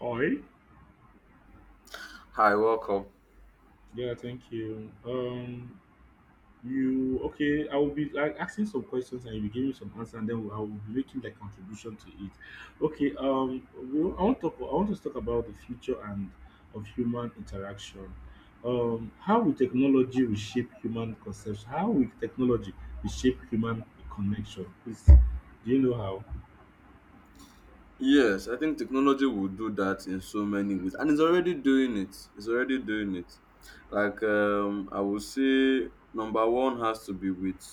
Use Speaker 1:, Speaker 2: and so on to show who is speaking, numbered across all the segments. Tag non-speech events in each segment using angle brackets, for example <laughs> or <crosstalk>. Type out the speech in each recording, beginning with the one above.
Speaker 1: Hi.
Speaker 2: Hi, welcome.
Speaker 1: Yeah, thank you. You okay? I will be like asking some questions and you will give me some answer, and then I will be making the contribution to it. Okay. Well, I want to talk about the future and of human interaction. How will technology reshape human conception? How will technology reshape human connection? Please, do you know how?
Speaker 2: Yes, I think technology will do that in so many ways, and it's already doing it. It's already doing it. I would say, number one has to be with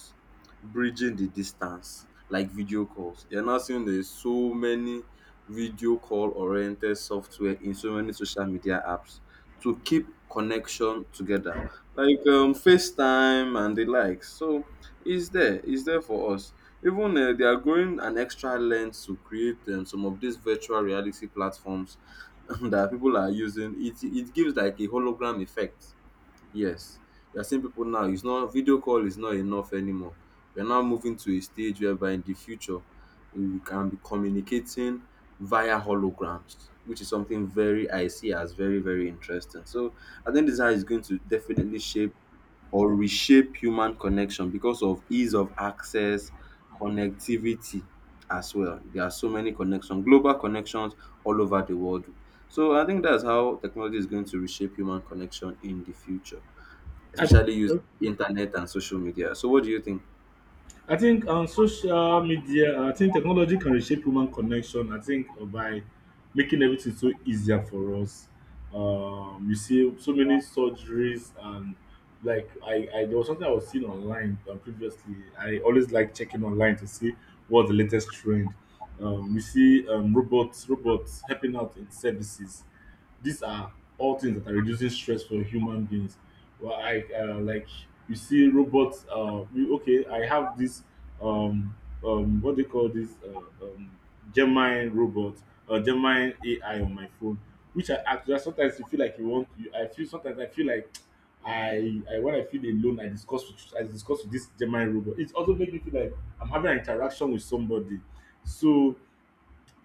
Speaker 2: bridging the distance, like video calls. You're now seeing there's so many video call oriented software in so many social media apps to keep connection together, like FaceTime and the likes. So it's there. It's there for us. Even they are going an extra length to create some of these virtual reality platforms <laughs> that people are using. It gives like a hologram effect. Yes, you are seeing people now. It's not video call is not enough anymore. We are now moving to a stage whereby in the future we can be communicating via holograms, which is something very I see as very very interesting. So I think this is how it's going to definitely shape or reshape human connection because of ease of access, connectivity as well. There are so many connections, global connections all over the world. So I think that's how technology is going to reshape human connection in the future,
Speaker 1: I,
Speaker 2: especially using internet and social media. So what do you think?
Speaker 1: I think on social media, I think technology can reshape human connection. I think by making everything so easier for us. You see so many surgeries and like I there was something I was seeing online previously. I always like checking online to see what's the latest trend. We see robots helping out in services. These are all things that are reducing stress for human beings. Well, I like you see robots. You, okay, I have this um um what they call this Gemini robot or Gemini AI on my phone, which I actually sometimes you feel like you want. I feel sometimes I feel like I when I feel alone, I discuss with this Gemini robot. It also makes me feel like I'm having an interaction with somebody. So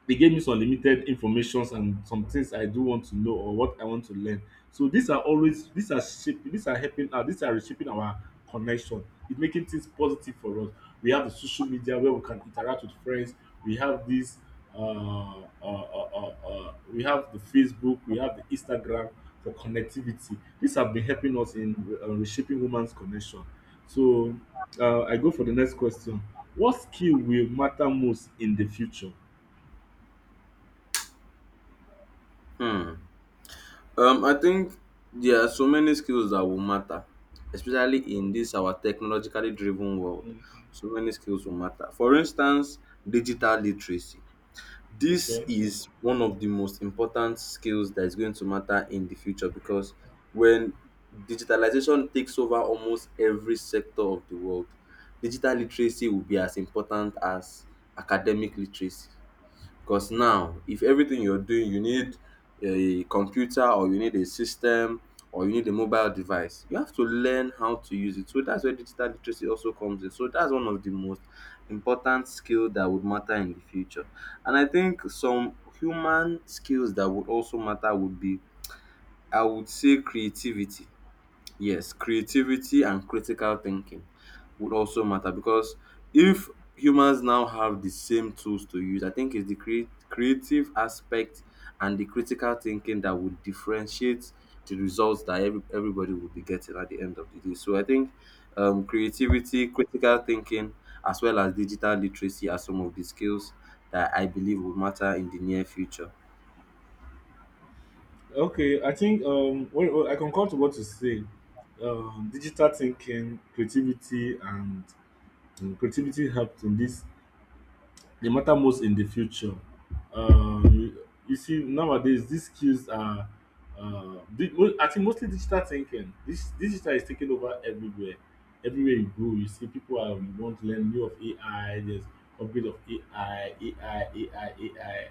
Speaker 1: they gave me some limited informations and some things I do want to know or what I want to learn. So these are shaping, these are helping out, these are reshaping our connection. It's making things positive for us. We have the social media where we can interact with friends. We have this we have the Facebook, we have the Instagram for connectivity. These have been helping us in reshaping women's connection. So I go for the next question. What skill will matter most in the future?
Speaker 2: Hmm. I think there are so many skills that will matter, especially in this our technologically driven world. So many skills will matter. For instance, digital literacy. This
Speaker 1: Okay.
Speaker 2: is one of the most important skills that is going to matter in the future because when digitalization takes over almost every sector of the world, digital literacy will be as important as academic literacy. Because now, if everything you're doing, you need a computer or you need a system or you need a mobile device, you have to learn how to use it. So that's where digital literacy also comes in. So that's one of the most important skill that would matter in the future. And I think some human skills that would also matter would be, I would say, creativity. Yes, creativity and critical thinking would also matter because if humans now have the same tools to use, I think it's the creative aspect and the critical thinking that would differentiate the results that everybody would be getting at the end of the day. So I think creativity, critical thinking, as well as digital literacy are some of the skills that I believe will matter in the near future.
Speaker 1: Okay, I think well, I concur to what you say. Digital thinking, creativity, and creativity helped in this. They matter most in the future. Um, you you see, nowadays these skills are, I think mostly digital thinking. This digital is taking over everywhere. Everywhere you go, you see people are want to learn new of AI. There's upgrade of AI, AI, AI, AI.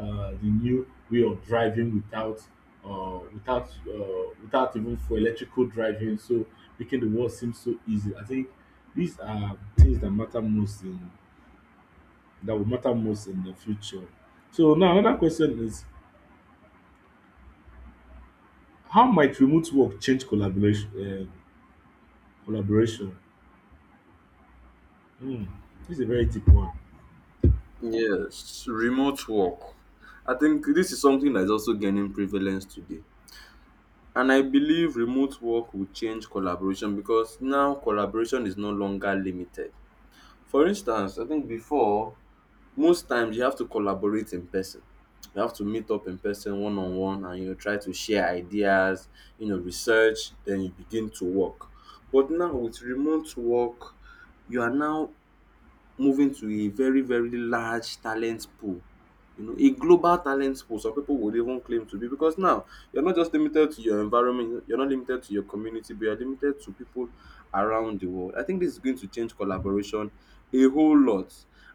Speaker 1: The new way of driving without even for electrical driving. So making the world seem so easy. I think these are things that matter most in that will matter most in the future. So now another question is how might remote work change collaboration? Hmm, this is a very deep one.
Speaker 2: Yes, remote work. I think this is something that's also gaining prevalence today. And I believe remote work will change collaboration because now collaboration is no longer limited. For instance, I think before, most times you have to collaborate in person. You have to meet up in person one on one and you know try to share ideas, you know, research, then you begin to work. But now with remote work, you are now moving to a very very large talent pool, you know, a global talent pool, some people would even claim to be because now you're not just limited to your environment, you're not limited to your community but you're limited to people around the world. I think this is going to change collaboration a whole lot,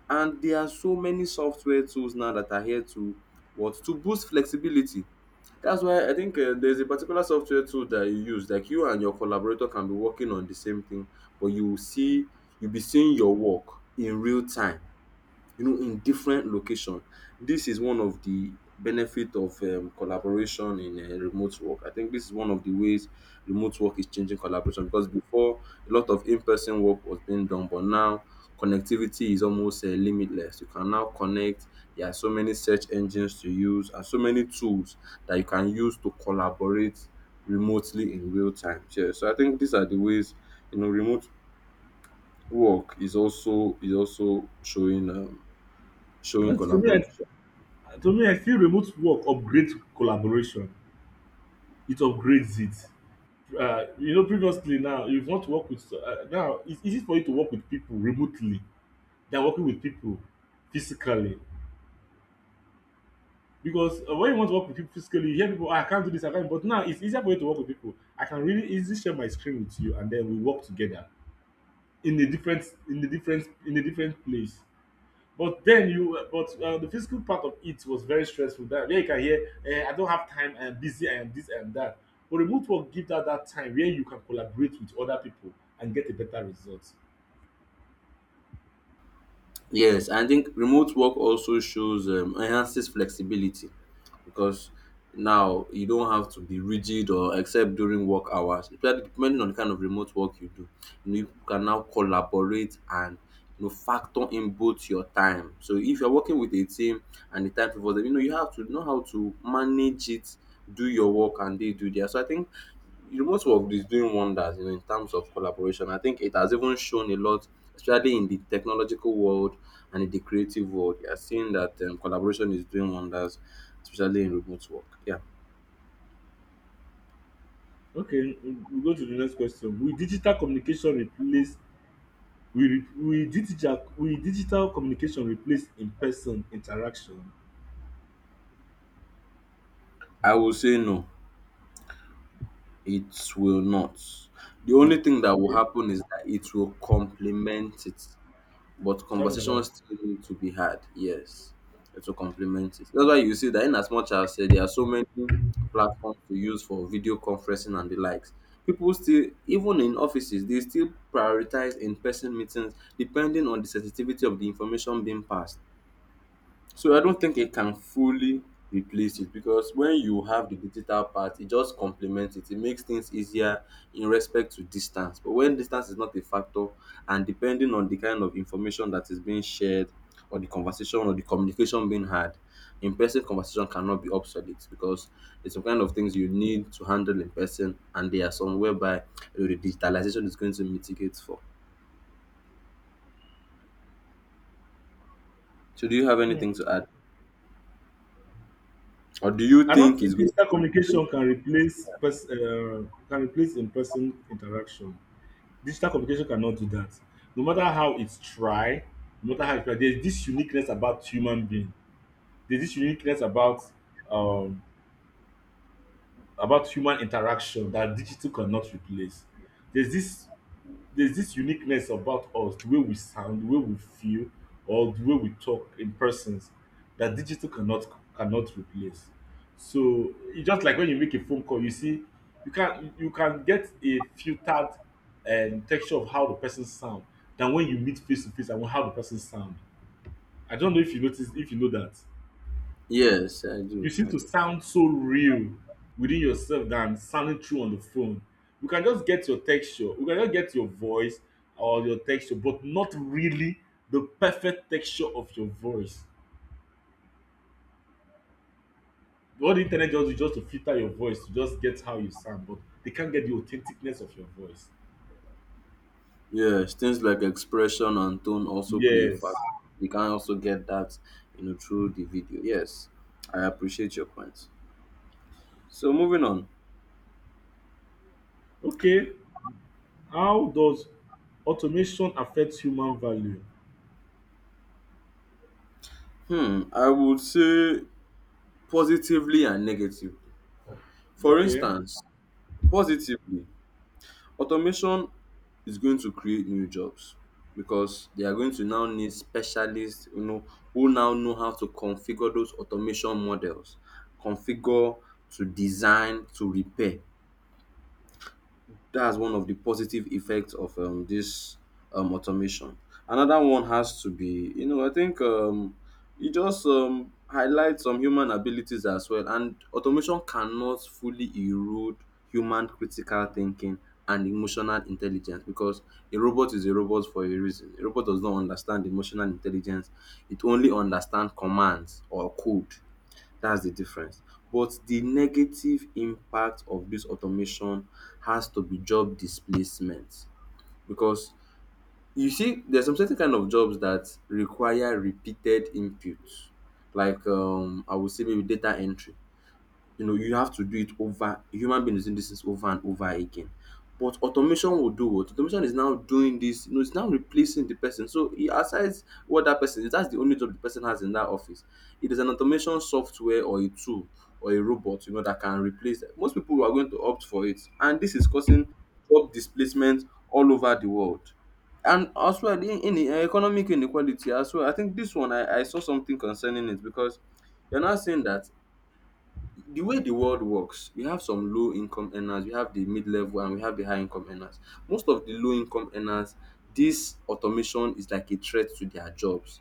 Speaker 2: and there are so many software tools now that are here to what to boost flexibility. That's why I think there's a particular software tool that you use. Like you and your collaborator can be working on the same thing, but you will see you'll be seeing your work in real time, you know, in different location. This is one of the benefit of collaboration in remote work. I think this is one of the ways remote work is changing collaboration because before a lot of in-person work was being done, but now connectivity is almost limitless. You can now connect. There are so many search engines to use and so many tools that you can use to collaborate remotely in real time. Yeah, so I think these are the ways you know remote work is also showing showing
Speaker 1: Now,
Speaker 2: collaboration.
Speaker 1: to me, I feel remote work upgrades collaboration. It upgrades it. If you want to work with now, it's easy for you to work with people remotely than working with people physically, because when you want to work with people physically you hear people, I can't do this I can't But now it's easier for you to work with people. I can really easily share my screen with you and then we work together in a different place. But then you but the physical part of it was very stressful, that where you can hear, I don't have time, I am busy, I am this, I am that. But remote work give that time where you can collaborate with other people and get a better result.
Speaker 2: Yes, I think remote work also shows enhances flexibility because now you don't have to be rigid or except during work hours. Depending on the kind of remote work you do, you know, you can now collaborate and you know factor in both your time. So if you're working with a team and the time for them, you know you have to know how to manage it, do your work, and they do theirs. So I think remote work is doing wonders, you know, in terms of collaboration. I think it has even shown a lot, especially in the technological world and in the creative world. You are seeing that collaboration is doing wonders, especially in remote work. Yeah,
Speaker 1: Okay, we go to the next question. Will digital communication replace in-person interaction?
Speaker 2: I will say no, it will not. The
Speaker 1: Mm.
Speaker 2: only thing that will
Speaker 1: Okay,
Speaker 2: happen is that it will complement it. But
Speaker 1: tell me about
Speaker 2: conversations
Speaker 1: it.
Speaker 2: still need to be had. Yes, to complement it. That's why you see that in as much as there are so many platforms to use for video conferencing and the likes, people still, even in offices, they still prioritize in-person meetings depending on the sensitivity of the information being passed. So I don't think it can fully replace it because when you have the digital part, it just complements it. It makes things easier in respect to distance. But when distance is not a factor, and depending on the kind of information that is being shared, or the conversation or the communication being had, in person conversation cannot be obsolete because it's some kind of things you need to handle in person, and there are some whereby you know, the digitalization is going to mitigate for. So, do you have anything to add, or do you
Speaker 1: I don't
Speaker 2: think it's
Speaker 1: think
Speaker 2: going
Speaker 1: digital
Speaker 2: to replace?
Speaker 1: communication can replace can replace in-person interaction. Digital communication cannot do that. No matter how it's try, no matter how it's try, there's this uniqueness about human being. There's this uniqueness um about human interaction that digital cannot replace. There's this uniqueness about us, the way we sound, the way we feel, or the way we talk in persons that digital cannot replace. So it's just like when you make a phone call, you see, you can get a filtered texture of how the person sound than when you meet face to face and how the person sound. I don't know if you notice if you know that.
Speaker 2: Yes, I
Speaker 1: You
Speaker 2: do.
Speaker 1: seem
Speaker 2: I
Speaker 1: to
Speaker 2: do.
Speaker 1: sound so real within yourself than sounding true on the phone. We can just get your voice or your texture, but not really the perfect texture of your voice. What the internet just do is just to filter your voice to just get how you sound, but they can't get the authenticness of your voice.
Speaker 2: Yes, things like expression and tone also play a
Speaker 1: Yes.
Speaker 2: factor. You can also get that, you know, through the video. Yes, I appreciate your points. So moving on.
Speaker 1: Okay. How does automation affect human value?
Speaker 2: Hmm, I would say positively and negatively. For
Speaker 1: Okay.
Speaker 2: instance, positively, automation is going to create new jobs because they are going to now need specialists, you know, who now know how to configure those automation models, configure to design to repair. That's one of the positive effects of this automation. Another one has to be, you know, I think it just highlights some human abilities as well. And automation cannot fully erode human critical thinking and emotional intelligence because a robot is a robot for a reason. A robot does not understand emotional intelligence, it only understands commands or code. That's the difference. But the negative impact of this automation has to be job displacement because you see, there's some certain kind of jobs that require repeated input, like I would say maybe data entry, you know you have to do it over, a human being is doing this is over and over again, but automation will do what automation is now doing this, you know it's now replacing the person. So e aside what that person is, that's the only job the person has in that office. It is an automation software or a tool or a robot, you know, that can replace that. Most people are going to opt for it and this is causing job displacement all over the world, and as well in the economic inequality as well. I think this one I saw something concerning it because you're now saying that the way the world works, we have some low income earners, we have the mid level, and we have the high income earners. Most of the low income earners, this automation is like a threat to their jobs.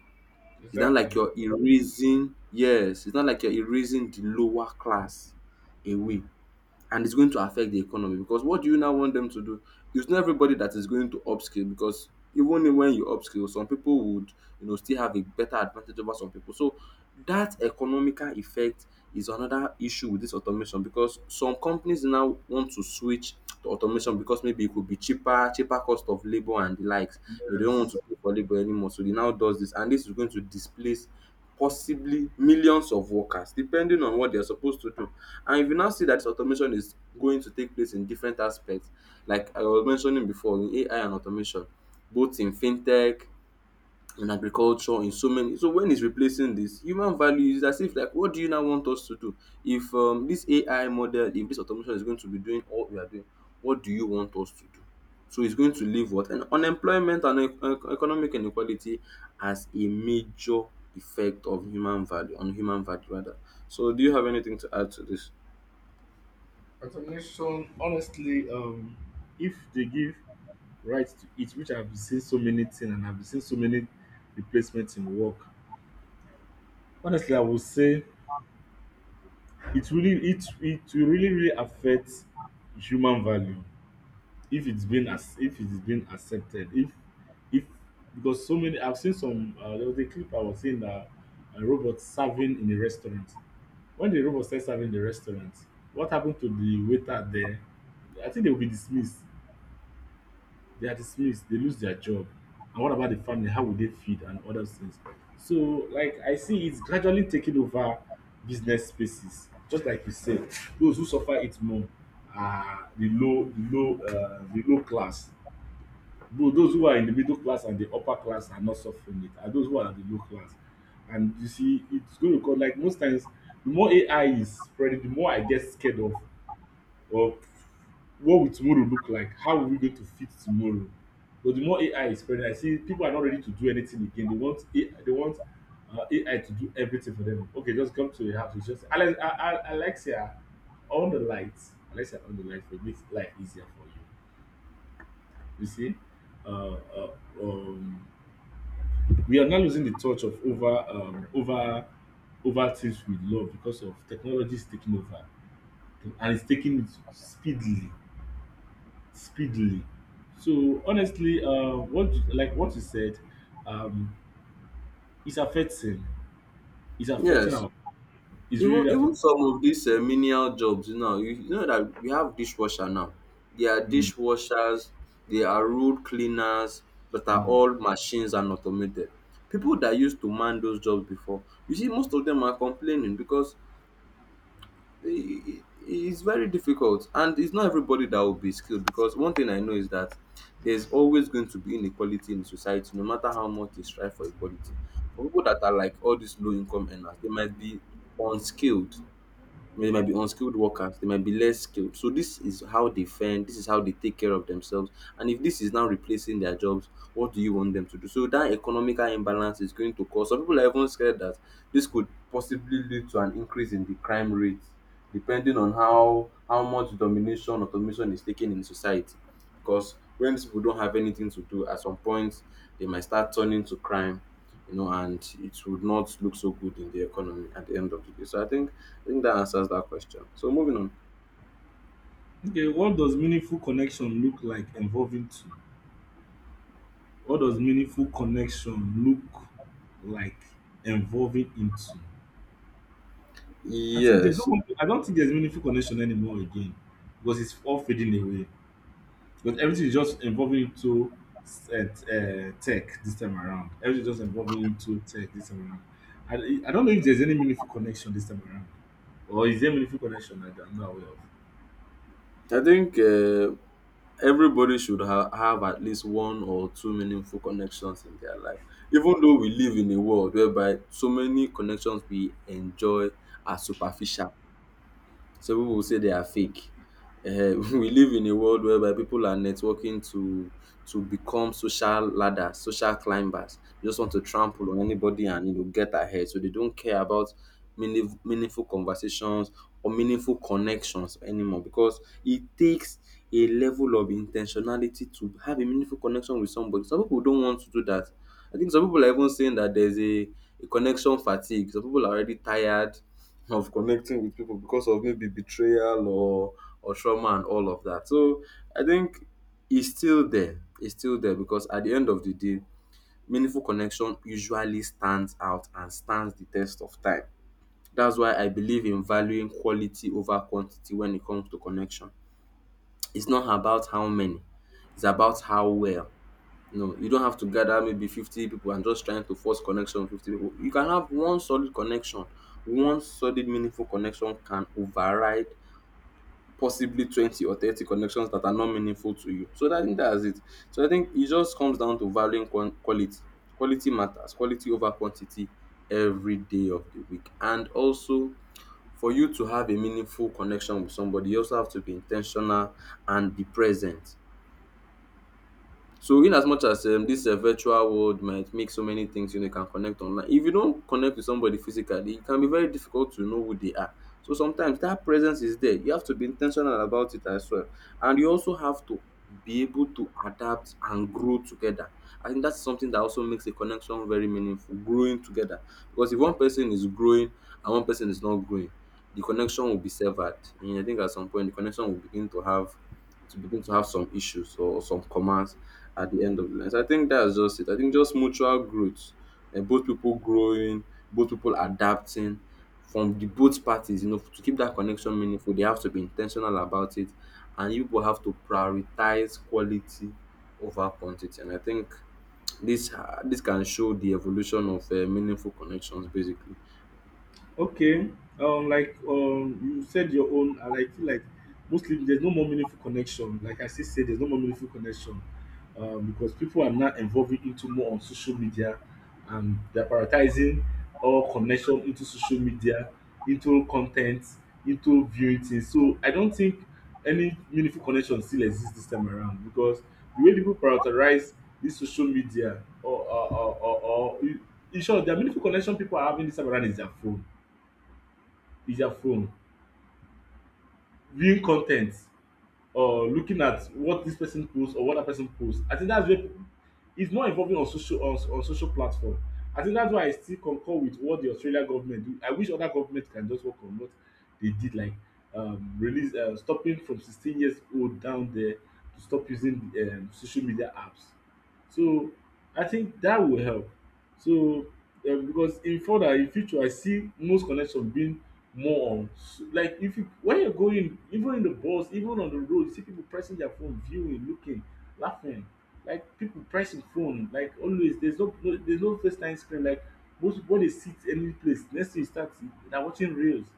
Speaker 2: It's not like
Speaker 1: Exactly.
Speaker 2: you're erasing, yes, it's not like you're erasing the lower class away and it's going to affect the economy because what do you now want them to do? It's not everybody that is going to upskill because even when you upskill, some people would you know still have a better advantage over some people. So that economical effect is another issue with this automation because some companies now want to switch to automation because maybe it could be cheaper, cheaper cost of labor and the likes. You know, they don't want to
Speaker 1: Yes.
Speaker 2: pay for labor anymore, so they now does this, and this is going to displace possibly millions of workers depending on what they're supposed to do. And if you now see that this automation is going to take place in different aspects, like I was mentioning before, in AI and automation, both in fintech, in agriculture, in so many, so when it's replacing this human value is as if like what do you now want us to do? If this AI model, if this automation is going to be doing all we are doing, what do you want us to do? So it's going to leave what? And unemployment and economic inequality as a major effect of human value on human value rather. So do you have anything to add to this?
Speaker 1: Automation, honestly, if they give right to eat, which I've seen so many thing and I've seen so many replacement in work. Honestly, I would say it really it it will really really affect human value if it's been, as if it's been accepted, if because so many I've seen some, there was a clip I was seeing that a robot serving in a restaurant. When the robot started serving in the restaurant, what happened to the waiter there? I think they will be dismissed they are dismissed, they lose their job. And what about the family? How will they feed and other things? So, like I see, it's gradually taking over business spaces. Just like you said, those who suffer it more are the low class. Though those who are in the middle class and the upper class are not suffering it, are those who are the low class. And you see, it's going to cause, like most times, the more AI is spreading, the more I get scared of, or what will tomorrow look like? How are we going to fit tomorrow? But the more AI is spreading, I see people are not ready to do anything again. They want AI, they want AI to do everything for them. Okay, just come to your house. It's just Alexia, on the lights. Alexia, on the lights. It makes life easier for you. You see, uh, uh, um, we are now losing the touch of over over things we love because of technology is taking over and it's taking it speedily speedily. So honestly, what like what you said, um, it's affecting. It's affecting
Speaker 2: Yes.
Speaker 1: our. It's
Speaker 2: Even
Speaker 1: really affecting.
Speaker 2: even some of these menial jobs now, you know that we have dishwasher now. There are
Speaker 1: Mm.
Speaker 2: dishwashers, there are road cleaners that are
Speaker 1: Mm.
Speaker 2: all machines and automated. People that used to man those jobs before, you see, most of them are complaining because it's very difficult, and it's not everybody that will be skilled. Because one thing I know is that there's always going to be inequality in society, no matter how much they strive for equality. For people that are like all these low income earners, they might be unskilled, they might be unskilled workers, they might be less skilled. So this is how they fend, this is how they take care of themselves. And if this is now replacing their jobs, what do you want them to do? So that economical imbalance is going to cause some people are even scared that this could possibly lead to an increase in the crime rate, depending on how much domination or automation is taken in society. Because when people don't have anything to do, at some point they might start turning to crime, you know, and it would not look so good in the economy at the end of the day. So I think that answers that question. So moving on.
Speaker 1: Okay, what does meaningful connection look like involving two? What does meaningful connection look like involving into? I think there's
Speaker 2: Yes,
Speaker 1: no. I don't think there's meaningful connection anymore again, because it's all fading away. But everything is just involving into tech this time around. Everything is just involving into tech this time around. I don't know if there's any meaningful connection this time around. Or is there meaningful connection that I'm not aware of?
Speaker 2: I think everybody should have at least one or two meaningful connections in their life. Even though we live in a world whereby so many connections we enjoy are superficial. Some people will say they are fake. Eh, <laughs> we live in a world whereby people are networking to become social ladders, social climbers. They just want to trample on anybody and you know get ahead. So they don't care about meaningful conversations or meaningful connections anymore because it takes a level of intentionality to have a meaningful connection with somebody. Some people don't want to do that. I think some people are even saying that a connection fatigue. Some people are already tired of connecting with people because of maybe betrayal or trauma and all of that. So I think it's still there. It's still there because at the end of the day, meaningful connection usually stands out and stands the test of time. That's why I believe in valuing quality over quantity when it comes to connection. It's not about how many, it's about how well. No, you don't have to gather maybe 50 people and just trying to force connection with 50 people. You can have one solid connection. One solid, meaningful connection can override possibly 20 or 30 connections that are not meaningful to you. So I think that's it. So I think it just comes down to valuing quality. Quality matters, quality over quantity every day of the week. And also, for you to have a meaningful connection with somebody, you also have to be intentional and be present. So in as much as this virtual world might make so many things you know you can connect online, if you don't connect with somebody physically, it can be very difficult to know who they are. So sometimes that presence is there. You have to be intentional about it as well, and you also have to be able to adapt and grow together. I think that's something that also makes a connection very meaningful. Growing together, because if one person is growing and one person is not growing, the connection will be severed. And I think at some point the connection will begin to have to have some issues or some commands at the end of the line. So I think that's just it. I think just mutual growth, and both people growing, both people adapting from the both parties. You know, to keep that connection meaningful, they have to be intentional about it, and you will have to prioritize quality over quantity. And I think this can show the evolution of meaningful connections. Basically,
Speaker 1: Okay. Like you said your own, and I like feel like mostly there's no more meaningful connection. Like I still say, there's no more meaningful connection, because people are now involving into more on social media, and they're prioritizing all connection into social media, into content, into viewing things. So I don't think any meaningful connection still exists this time around because the way people prioritize this social media, or in short, the meaningful connection people are having this time around is their phone, viewing content or looking at what this person post or what that person post. I think that's where it's more involving on social platform. I think that's why I still concur with what the Australia government do. I wish other government can just work on what they did, like release stopping from 16 years old down there to stop using social media apps. So I think that will help. So because in future I see most connection being more on like if you, when you're going even in the bus, even on the road, you see people pressing their phone, viewing, looking, laughing, like people pressing phone like always. There's there's no first time screen, like most people, when they sit any place, next thing you they're watching reels.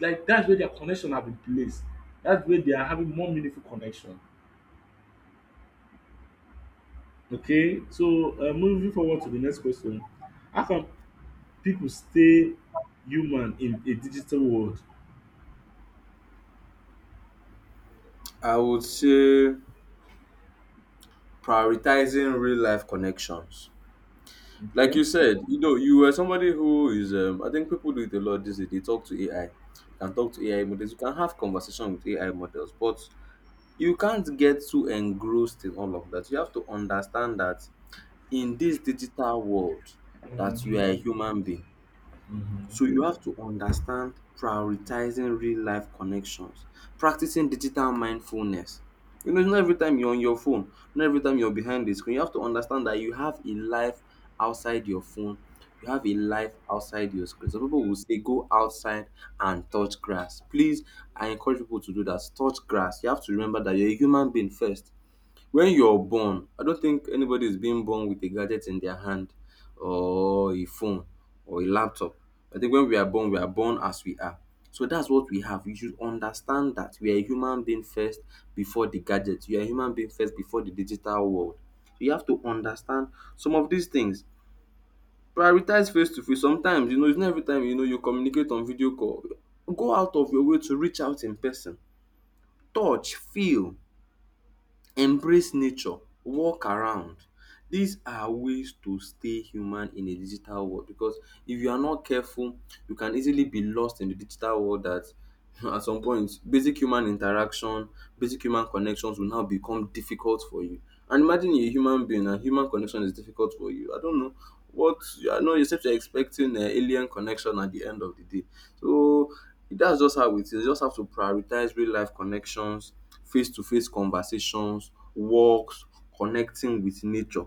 Speaker 1: Like that's where their connection have been placed, that's where they are having more meaningful connection. Okay, so moving forward to the next question. How can people stay human in a digital world?
Speaker 2: I would say prioritizing real life connections like
Speaker 1: Okay.
Speaker 2: you said, you know, you were somebody who is, I think people do it a lot these days. They talk to AI, you can talk to AI models, you can have conversation with AI models, but you can't get too engrossed in all of that. You have to understand that in this digital world, that you are
Speaker 1: Mhm.
Speaker 2: a human being,
Speaker 1: Mhm.
Speaker 2: so you have to understand prioritizing real life connections, practicing digital mindfulness. You know, it's not every time you're on your phone, not every time you're behind the screen. You have to understand that you have a life outside your phone. You have a life outside your screen. Some people will say go outside and touch grass. Please, I encourage people to do that. Touch grass. You have to remember that you're a human being first. When you're born, I don't think anybody is being born with a gadget in their hand or a phone or a laptop. I think when we are born as we are. So that's what we have. You should understand that we are a human being first before the gadget. You are a human being first before the digital world. So you have to understand some of these things. Prioritize face to face. Sometimes, you know, it's not every time you know you communicate on video call. Go out of your way to reach out in person. Touch, feel, embrace nature, walk around. These are ways to stay human in a digital world because if you are not careful, you can easily be lost in the digital world that <laughs> at some point basic human interaction, basic human connections will now become difficult for you. And imagine you're a human being and human connection is difficult for you. I don't know what you are not except you're expecting an alien connection at the end of the day. So that's just how it is. You just have to prioritize real life connections, face to face conversations, walks, connecting with nature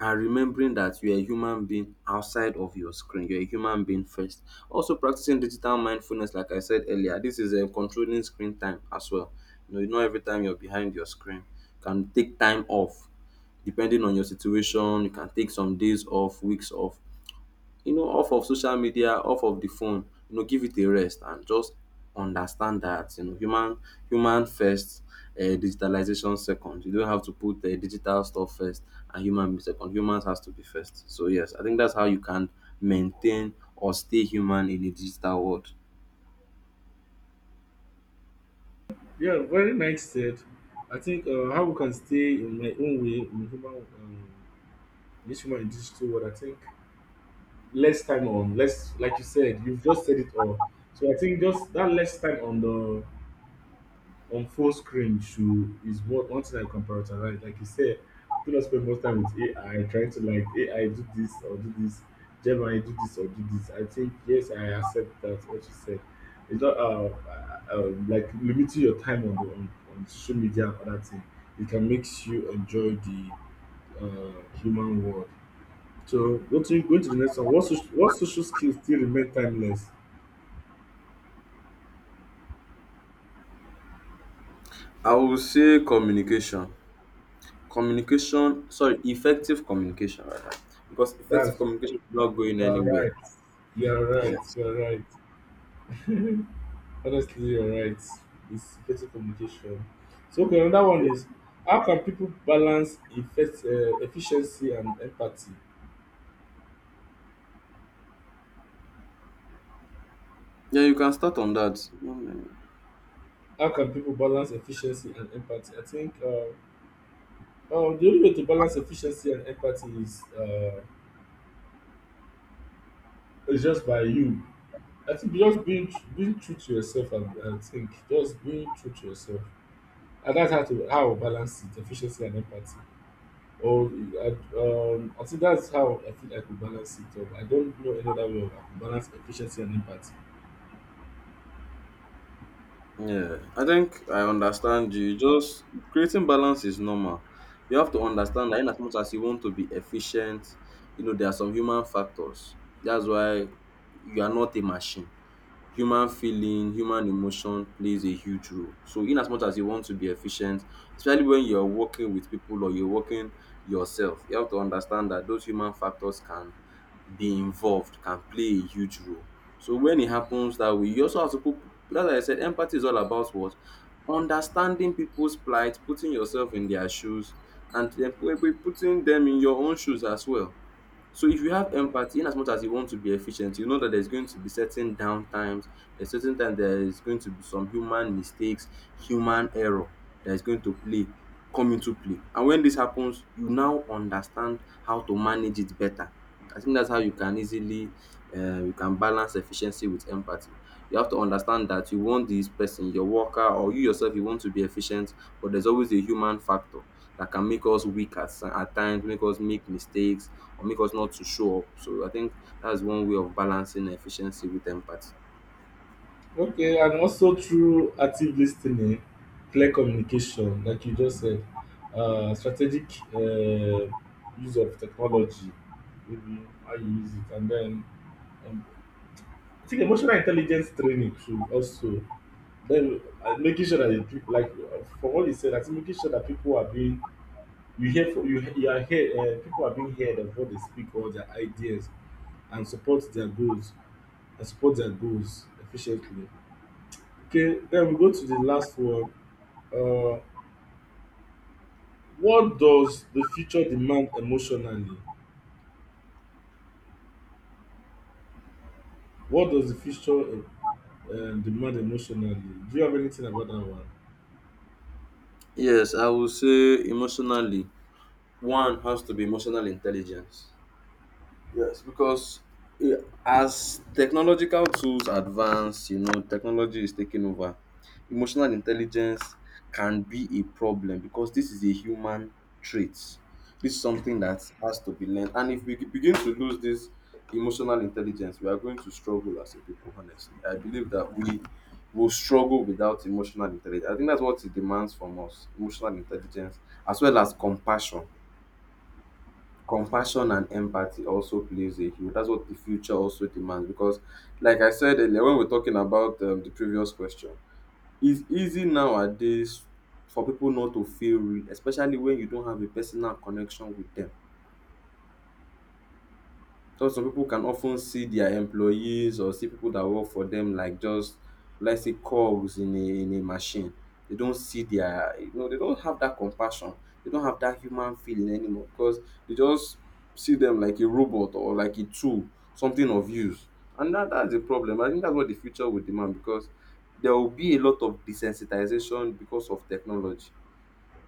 Speaker 2: and remembering that you're a human being outside of your screen, you're a human being first, also practicing digital mindfulness like I said earlier. This is controlling screen time as well. You know, not every time you're behind your screen, you can take time off depending on your situation. You can take some days off, weeks off, you know, off of social media, off of the phone, you know, give it a rest and just understand that, you know, human first, digitalization second. You don't have to put digital stuff first and human be second. Humans has to be first. So yes, I think that's how you can maintain or stay human in a digital world.
Speaker 1: Yeah, very nice said. I think how we can stay, in my own way, in human, this human in digital world. I think less time on less, like you said. You've just said it all. So I think just that less time on the on full screen should is what one thing I can prioritize. Like you said, do not spend more time with AI trying to like AI do this or do this, Gemini do this or do this. I think yes, I accept that what you said. It's not, like, limiting your time on on social media and other thing, it can make you enjoy the human world. So go to the next one. What social skills still remain timeless?
Speaker 2: I will say communication. Communication, sorry, effective communication rather. Because effective
Speaker 1: That's
Speaker 2: communication is not going
Speaker 1: you are
Speaker 2: anywhere.
Speaker 1: right.
Speaker 2: Yes.
Speaker 1: You are right. <laughs> Honestly, you're right. It's better communication. So, okay, another one is how can people balance efficiency and empathy?
Speaker 2: Yeah, you can start on that. Mm.
Speaker 1: How can people balance efficiency and empathy? I think the only way to balance efficiency and empathy is just by you. I think just being true to yourself. I think just being true to yourself. And that's how to how I balance it, efficiency and empathy. Or I think that's how I feel I could balance it up. I don't know any other way of I could balance efficiency and impact.
Speaker 2: Yeah, I think I understand you. Just creating balance is normal. You have to understand that in as much as you want to be efficient, you know, there are some human factors. That's why you are not a machine, human feeling, human emotion plays a huge role. So in as much as you want to be efficient, especially when you're working with people or you're working yourself, you have to understand that those human factors can be involved, can play a huge role. So when it happens that way, you also have to put as I said empathy is all about what? Understanding people's plight, putting yourself in their shoes, and then putting them in your own shoes as well. So if you have empathy, in as much as you want to be efficient, you know that there's going to be certain downtimes, there's certain time there is going to be some human mistakes, human error that is going to play, come into play. And when this happens, you now understand how to manage it better. I think that's how you can easily you can balance efficiency with empathy. You have to understand that you want this person, your worker or you yourself, you want to be efficient, but there's always a human factor that can make us weak at, at times, make us make mistakes or make us not to show up. So I think that's one way of balancing efficiency with empathy.
Speaker 1: Okay, and also through active listening, clear communication, like you just said, strategic uh, use of technology, maybe how you use it, and then um, I think emotional intelligence training should also, then making sure that the people, like for what you said, I think making sure that people are being, you hear from you, you are here. People are being heard of what they speak, all their ideas, and support their goals and support their goals efficiently. Okay, then we go to the last one. Uh, what does the future demand emotionally? What does the future demand emotionally? Do you have anything about that one?
Speaker 2: Yes, I would say emotionally, one has to be emotional intelligence. Yes, because eh, as technological tools advance, you know, technology is taking over. Emotional intelligence can be a problem because this is a human trait. This is something that has to be learned. And if we begin to lose this emotional intelligence, we are going to struggle as a people, honestly. I believe that we will struggle without emotional intelligence. I think that's what it demands from us, emotional intelligence as well as compassion. Compassion and empathy also plays a huge, that's what the future also demands because like I said earlier when we're talking about the previous question, it's easy nowadays for people not to feel real, especially when you don't have a personal connection with them. So some people can often see their employees or see people that work for them like just let's say cogs in a machine. They don't see their you know they don't have that compassion. They don't have that human feeling anymore because they just see them like a robot or like a tool, something of use. And that's a problem. I think that's what the future will demand because there will be a lot of desensitization because of technology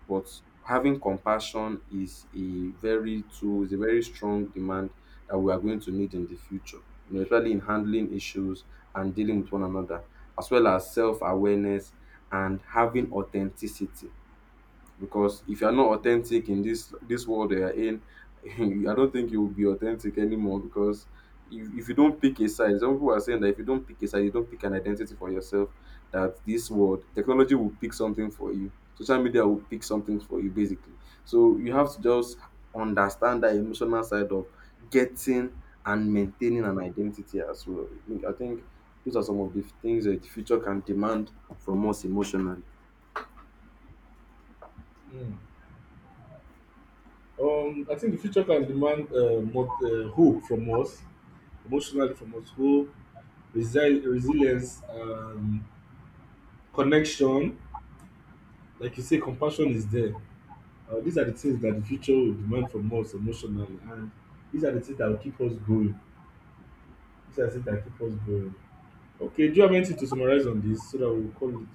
Speaker 2: but having compassion is a very tool, is a very strong demand that we are going to need in the future, you know, especially in handling issues and dealing with one another, as well as self awareness and having authenticity because if you're not authentic in this world that you're in <laughs> I don't think you will be authentic anymore because if you don't pick a side, some people are saying that if you don't pick a side, you don't pick an identity for yourself, that this world technology will pick something for you, social media will pick something for you basically. So you have to just understand that emotional side of getting and maintaining an identity as well. I think those are some of the things that the future can demand from us emotionally.
Speaker 1: Hmm. I think the future can demand more hope from us, emotionally from us, hope, resilience, connection, like you say compassion is there. These are the things that the future will demand from us emotionally, and these are the things that will keep us going these are the things that keep us going. Okay, do you have anything to summarize on this, so that we'll call it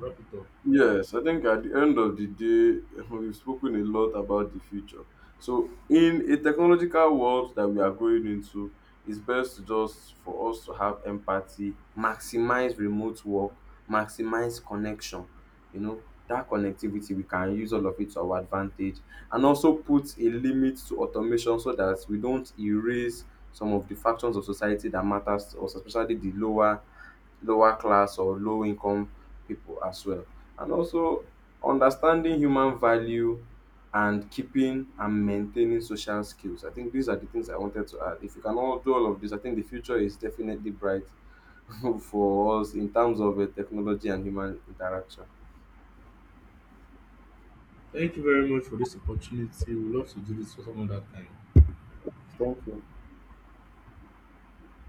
Speaker 1: wrap it up?
Speaker 2: Yes, I think at the end of the day, <laughs> we've spoken a lot about the future. So, in a technological world that we are going into, it's best to just for us to have empathy, maximize remote work, maximize connection. You know, that connectivity, we can use all of it to our advantage and also put a limit to automation so that we don't erase some of the factions of society that matters to us, especially the lower class or low income people as well. And also understanding human value and keeping and maintaining social skills. I think these are the things I wanted to add. If you can all do all of this, I think the future is definitely bright <laughs> for us in terms of technology and human interaction.
Speaker 1: Thank you very much for this opportunity. We'd love to do this for some other time.
Speaker 2: Thank you.